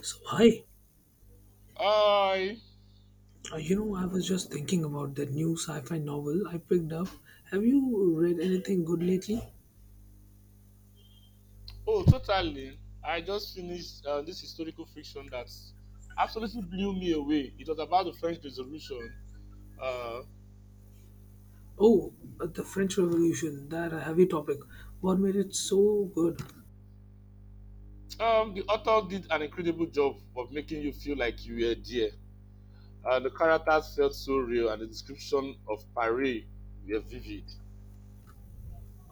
So, hi. I I was just thinking about that new sci-fi novel I picked up. Have you read anything good lately? oh totally. I just finished this historical fiction that absolutely blew me away. It was about the French Revolution. Uh, Oh, the French Revolution, that a heavy topic. What made it so good? The author did an incredible job of making you feel like you were there. The characters felt so real, and the description of Paris were vivid.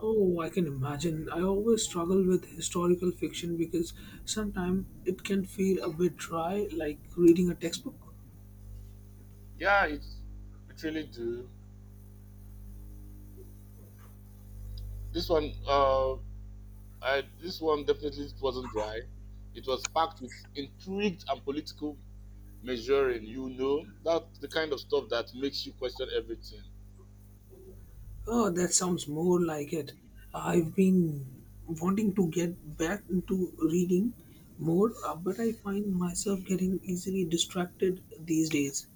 Oh, I can imagine. I always struggle with historical fiction because sometimes it can feel a bit dry, like reading a textbook. Yeah, it really do. This one, this one definitely wasn't dry. It was packed with intrigue and political measuring. That's the kind of stuff that makes you question everything. Oh, that sounds more like it. I've been wanting to get back into reading more, but I find myself getting easily distracted these days.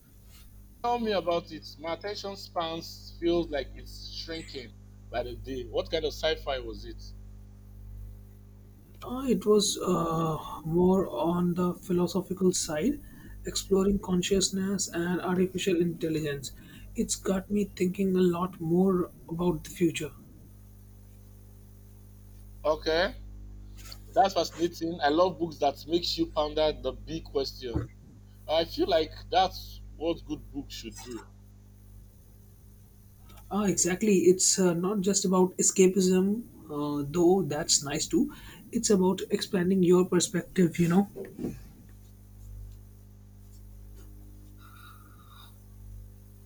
Tell me about it. My attention spans feels like it's shrinking by the day. What kind of sci-fi was it? It was more on the philosophical side, exploring consciousness and artificial intelligence. It's got me thinking a lot more about the future. Okay, that's fascinating. I love books that makes you ponder the big question. I feel like that's what good books should do. Exactly. It's not just about escapism, though that's nice too. It's about expanding your perspective.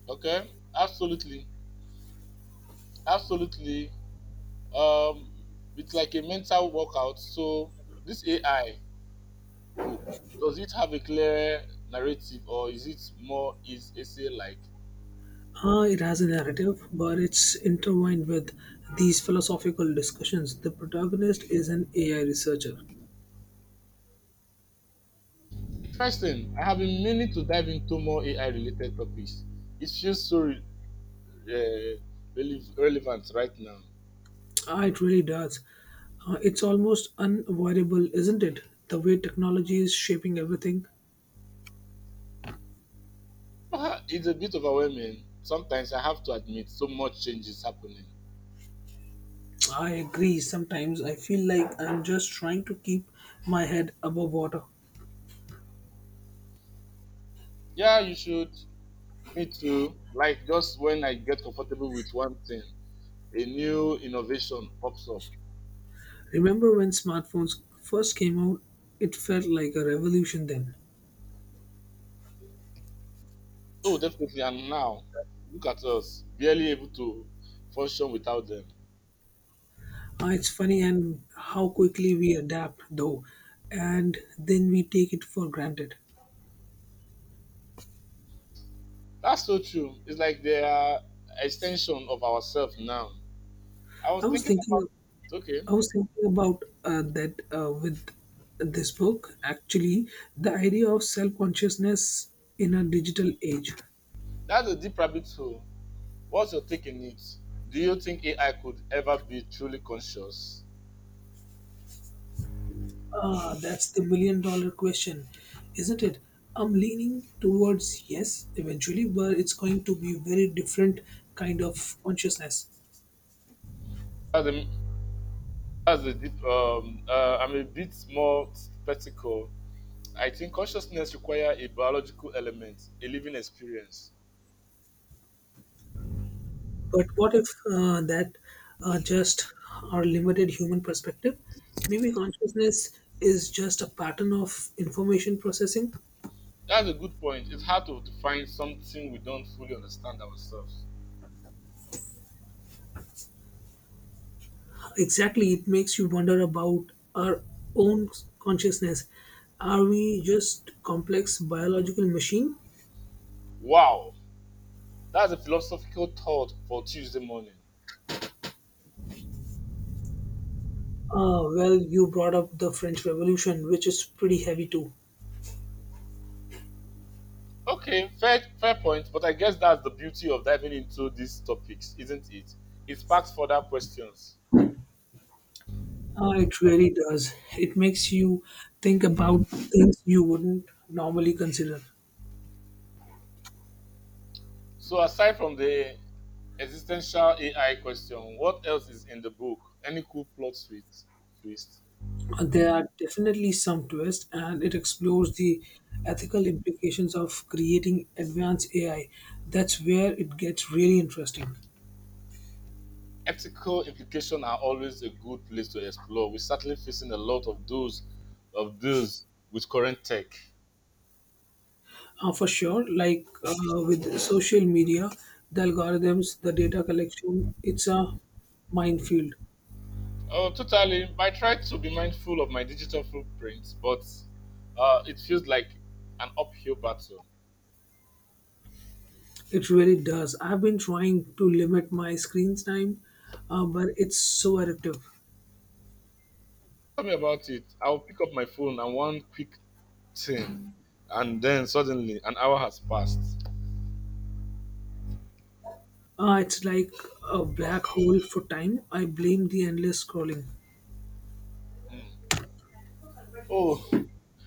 Okay, absolutely, absolutely. Um, it's like a mental workout. So this AI book, does it have a clear narrative, or is it more is essay like? It has a narrative, but it's intertwined with these philosophical discussions. The protagonist is an AI researcher. Interesting. I have been meaning to dive into more AI related topics. It feels so uh, relevant right now. It really does. It's almost unavoidable, isn't it? The way technology is shaping everything. It's a bit overwhelming sometimes, I have to admit. So much change is happening. I agree. Sometimes I feel like I'm just trying to keep my head above water. Yeah, you should. Me too. Like just when I get comfortable with one thing, a new innovation pops up. Remember when smartphones first came out? It felt like a revolution then. Oh, definitely. And now look at us, barely able to function without them. It's funny and how quickly we adapt though, and then we take it for granted. That's so true. It's like they are extension of ourselves now. I was I was thinking about, thinking, okay, I was thinking about that with this book. Actually, the idea of self-consciousness in a digital age. that's a deep rabbit hole. What's your take on it? Do you think AI could ever be truly conscious? That's the million dollar question, isn't it? I'm leaning towards yes eventually, but it's going to be very different kind of consciousness. That's a, that's a deep. I'm a bit more skeptical. I think consciousness requires a biological element, a living experience. But what if that just our limited human perspective? Maybe consciousness is just a pattern of information processing. That's a good point. It's hard to define something we don't fully understand ourselves. Exactly, it makes you wonder about our own consciousness. Are we just complex biological machine. Wow, that's a philosophical thought for Tuesday morning. Well, you brought up the French Revolution, which is pretty heavy too. Okay, fair point, but I guess that's the beauty of diving into these topics, isn't it? It sparks further questions. It really does. It makes you think about things you wouldn't normally consider. So aside from the existential AI question, what else is in the book? Any cool plot twist? Twist? There are definitely some twists, and it explores the ethical implications of creating advanced AI. That's where it gets really interesting. Ethical implications are always a good place to explore. We're certainly facing a lot of those with current tech. For sure, like with social media, the algorithms, the data collection, it's a minefield. Oh, totally. I try to be mindful of my digital footprints, but it feels like an uphill battle. It really does. I've been trying to limit my screen time, but it's so addictive. Tell me about it. I'll pick up my phone and one quick thing, and then suddenly an hour has passed. It's like a black hole for time. I blame the endless scrolling. Mm. Oh,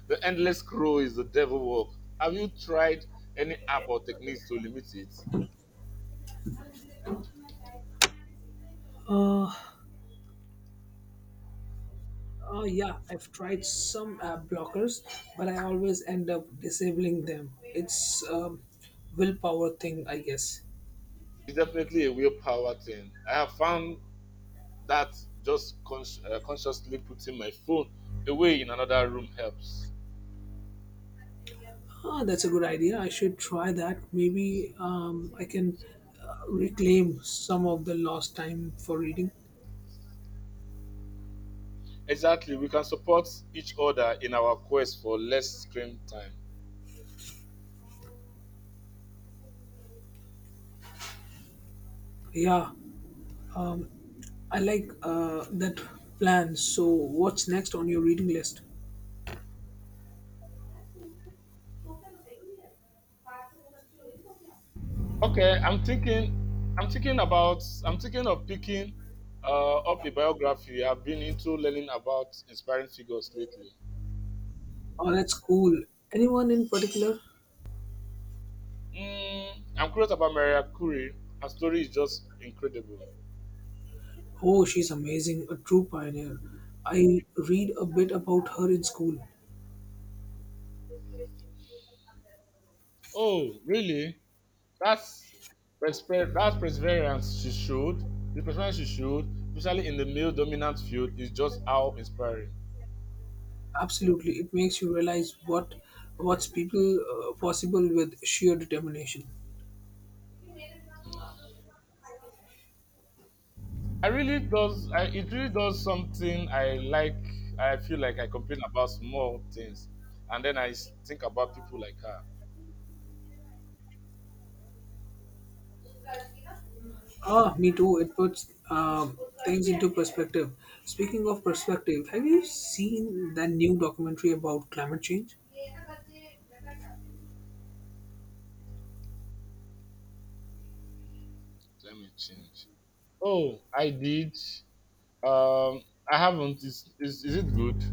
the endless scroll is the devil work. Have you tried any app or techniques to limit it? Uh, yeah, I've tried some app blockers, but I always end up disabling them. It's a willpower thing, I guess. It's definitely a willpower thing. I have found that just consciously putting my phone away in another room helps. That's a good idea. I should try that. Maybe I can reclaim some of the lost time for reading. Exactly, we can support each other in our quest for less screen time. Yeah, I like that plan. So, what's next on your reading list? Okay, I'm thinking of picking up a biography. I've been into learning about inspiring figures lately. Oh, that's cool. Anyone in particular? Mm, I'm curious about Maria Curie. Her story is just incredible. Oh, she's amazing, a true pioneer. I read a bit about her in school. Oh, really? That's that's perseverance she showed. The perseverance she showed, especially in the male-dominant field, is just how inspiring. Absolutely, it makes you realize what's people possible with sheer determination. I really does. It really does something I like. I feel like I complain about small things, and then think about people like her. Me too. It puts things into perspective. Speaking of perspective, have you seen that new documentary about climate change? Let me change. Oh, I did. Um, I haven't. Is it good?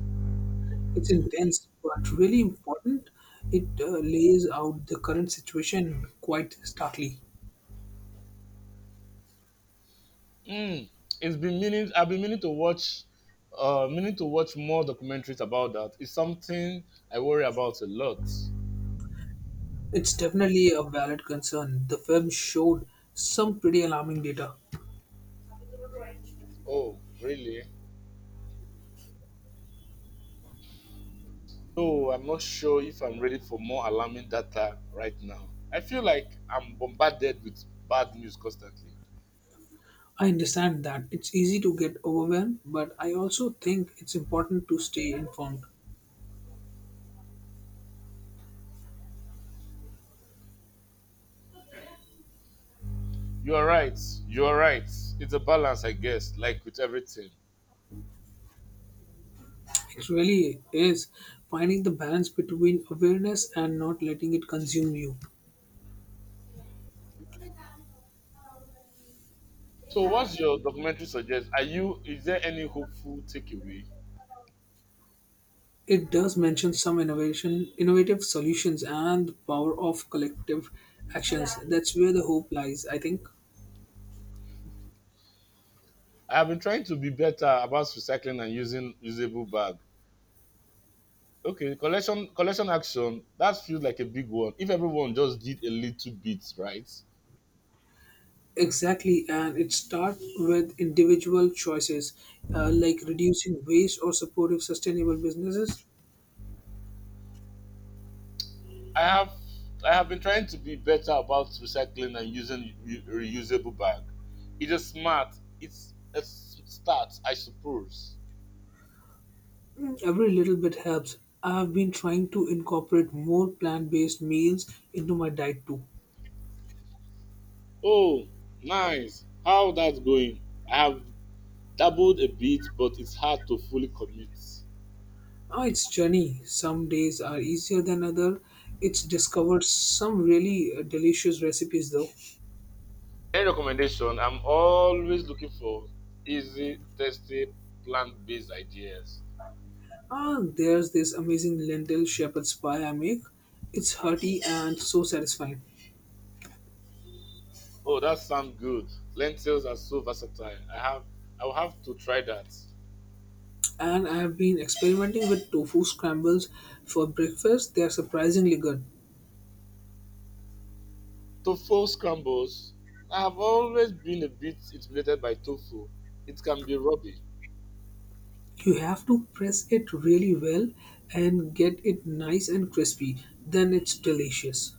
It's intense, but really important. It lays out the current situation quite starkly. Mm, it's been meaning. I've been meaning to watch. Meaning to watch more documentaries about that. It's something I worry about a lot. It's definitely a valid concern. The film showed some pretty alarming data. Oh, really? No, I'm not sure if I'm ready for more alarming data right now. I feel like I'm bombarded with bad news constantly. I understand that it's easy to get overwhelmed, but I also think it's important to stay informed. You are right. You are right. It's a balance, I guess, like with everything. It really is finding the balance between awareness and not letting it consume you. So, what's your documentary suggest? Are you? Is there any hopeful takeaway? It does mention some innovative solutions, and the power of collective actions. That's where the hope lies, I think. I have been trying to be better about recycling and using usable bag. Okay, collection action. That feels like a big one. If everyone just did a little bit, right? Exactly, and it starts with individual choices like reducing waste or supportive sustainable businesses. I have I have been trying to be better about recycling and using reusable bag. It is smart. It's a start, I suppose. Mm, every little bit helps. I've been trying to incorporate more plant based meals into my diet too. Oh, nice. How that's going? I have dabbled a bit, but it's hard to fully commit. Oh, it's journey. Some days are easier than other. It's discovered some really delicious recipes though. Any recommendation? I'm always looking for easy, tasty, plant-based ideas. There's this amazing lentil shepherd's pie I make. It's hearty and so satisfying. Oh, that sounds good. Lentils are so versatile. I will have to try that. And I have been experimenting with tofu scrambles for breakfast. They are surprisingly good. Tofu scrambles. I have always been a bit intimidated by tofu. It can be rubby. You have to press it really well and get it nice and crispy. Then it's delicious.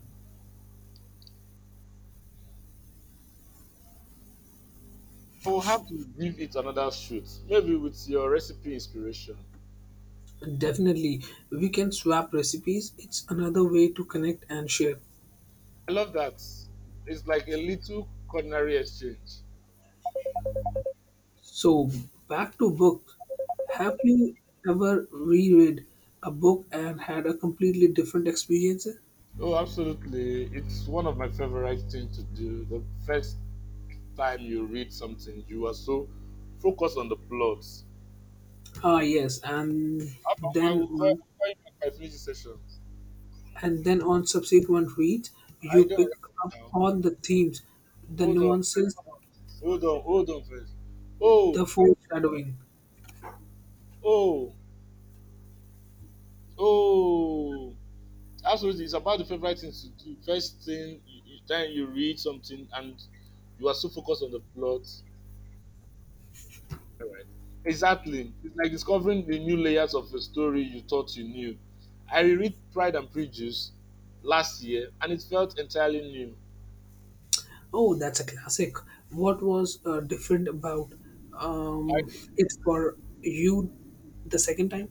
I will have to give it another shoot, maybe with your recipe inspiration. Definitely, we can swap recipes. It's another way to connect and share. I love that. It's like a little culinary exchange. So, back to book. Have you ever reread a book and had a completely different experience? Oh, absolutely. It's one of my favorite things to do. The first time you read something, you are so focused on the plot. Yes, and How come then on, I'll call you back by finishing session? then on subsequent reads, I you don't pick record up now. on the themes, the Hold on. nuances, Hold on. Hold on first. the Oh, foreshadowing. oh, oh. Absolutely. It's about the favorite thing to do. First thing, you, then you read something and you are so focused on the plot. All right. Exactly. It's like discovering the new layers of a story you thought you knew. I reread Pride and Prejudice last year and it felt entirely new. Oh, that's a classic. What was different about um, it for you the second time?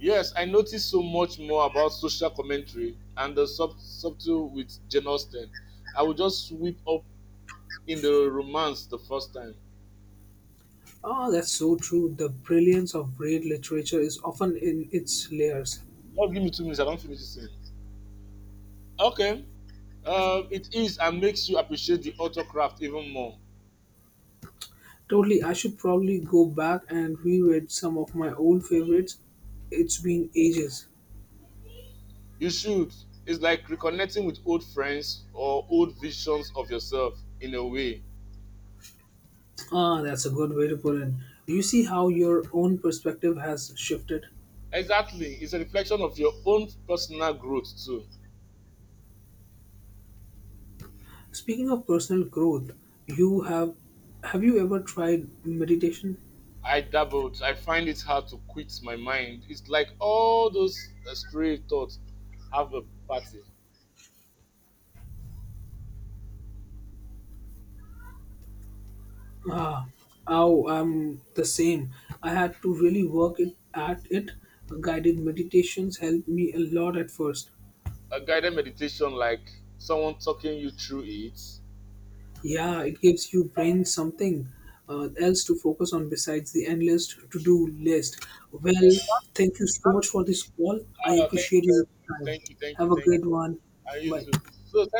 Yes, I noticed so much more about social commentary and the subtle with Jane Austen. I will just sweep up in the romance the first time. Oh, that's so true. The brilliance of great literature is often in its layers. Just give me two minutes, I don't finish this thing. Okay, it is and makes you appreciate the author craft even more. Totally, I should probably go back and reread some of my old favorites. It's been ages. You should. It's like reconnecting with old friends or old visions of yourself in a way. That's a good way to put it. Do you see how your own perspective has shifted? Exactly, it's a reflection of your own personal growth too. Speaking of personal growth, you have you ever tried meditation? I dabbled. I find it hard to quit my mind. It's like all those stray thoughts have a party. Ah, oh, I'm the same. I had to really work it at it. Guided meditations helped me a lot at first, A guided meditation, like someone talking you through it. yeah, it gives your brain something else to focus on besides the endless to do list. Well, Mm, thank you so much for this call. I ah, thank you appreciate very your much. time. Thank you, thank you, Have a thank great you. one. And you Bye. too. So,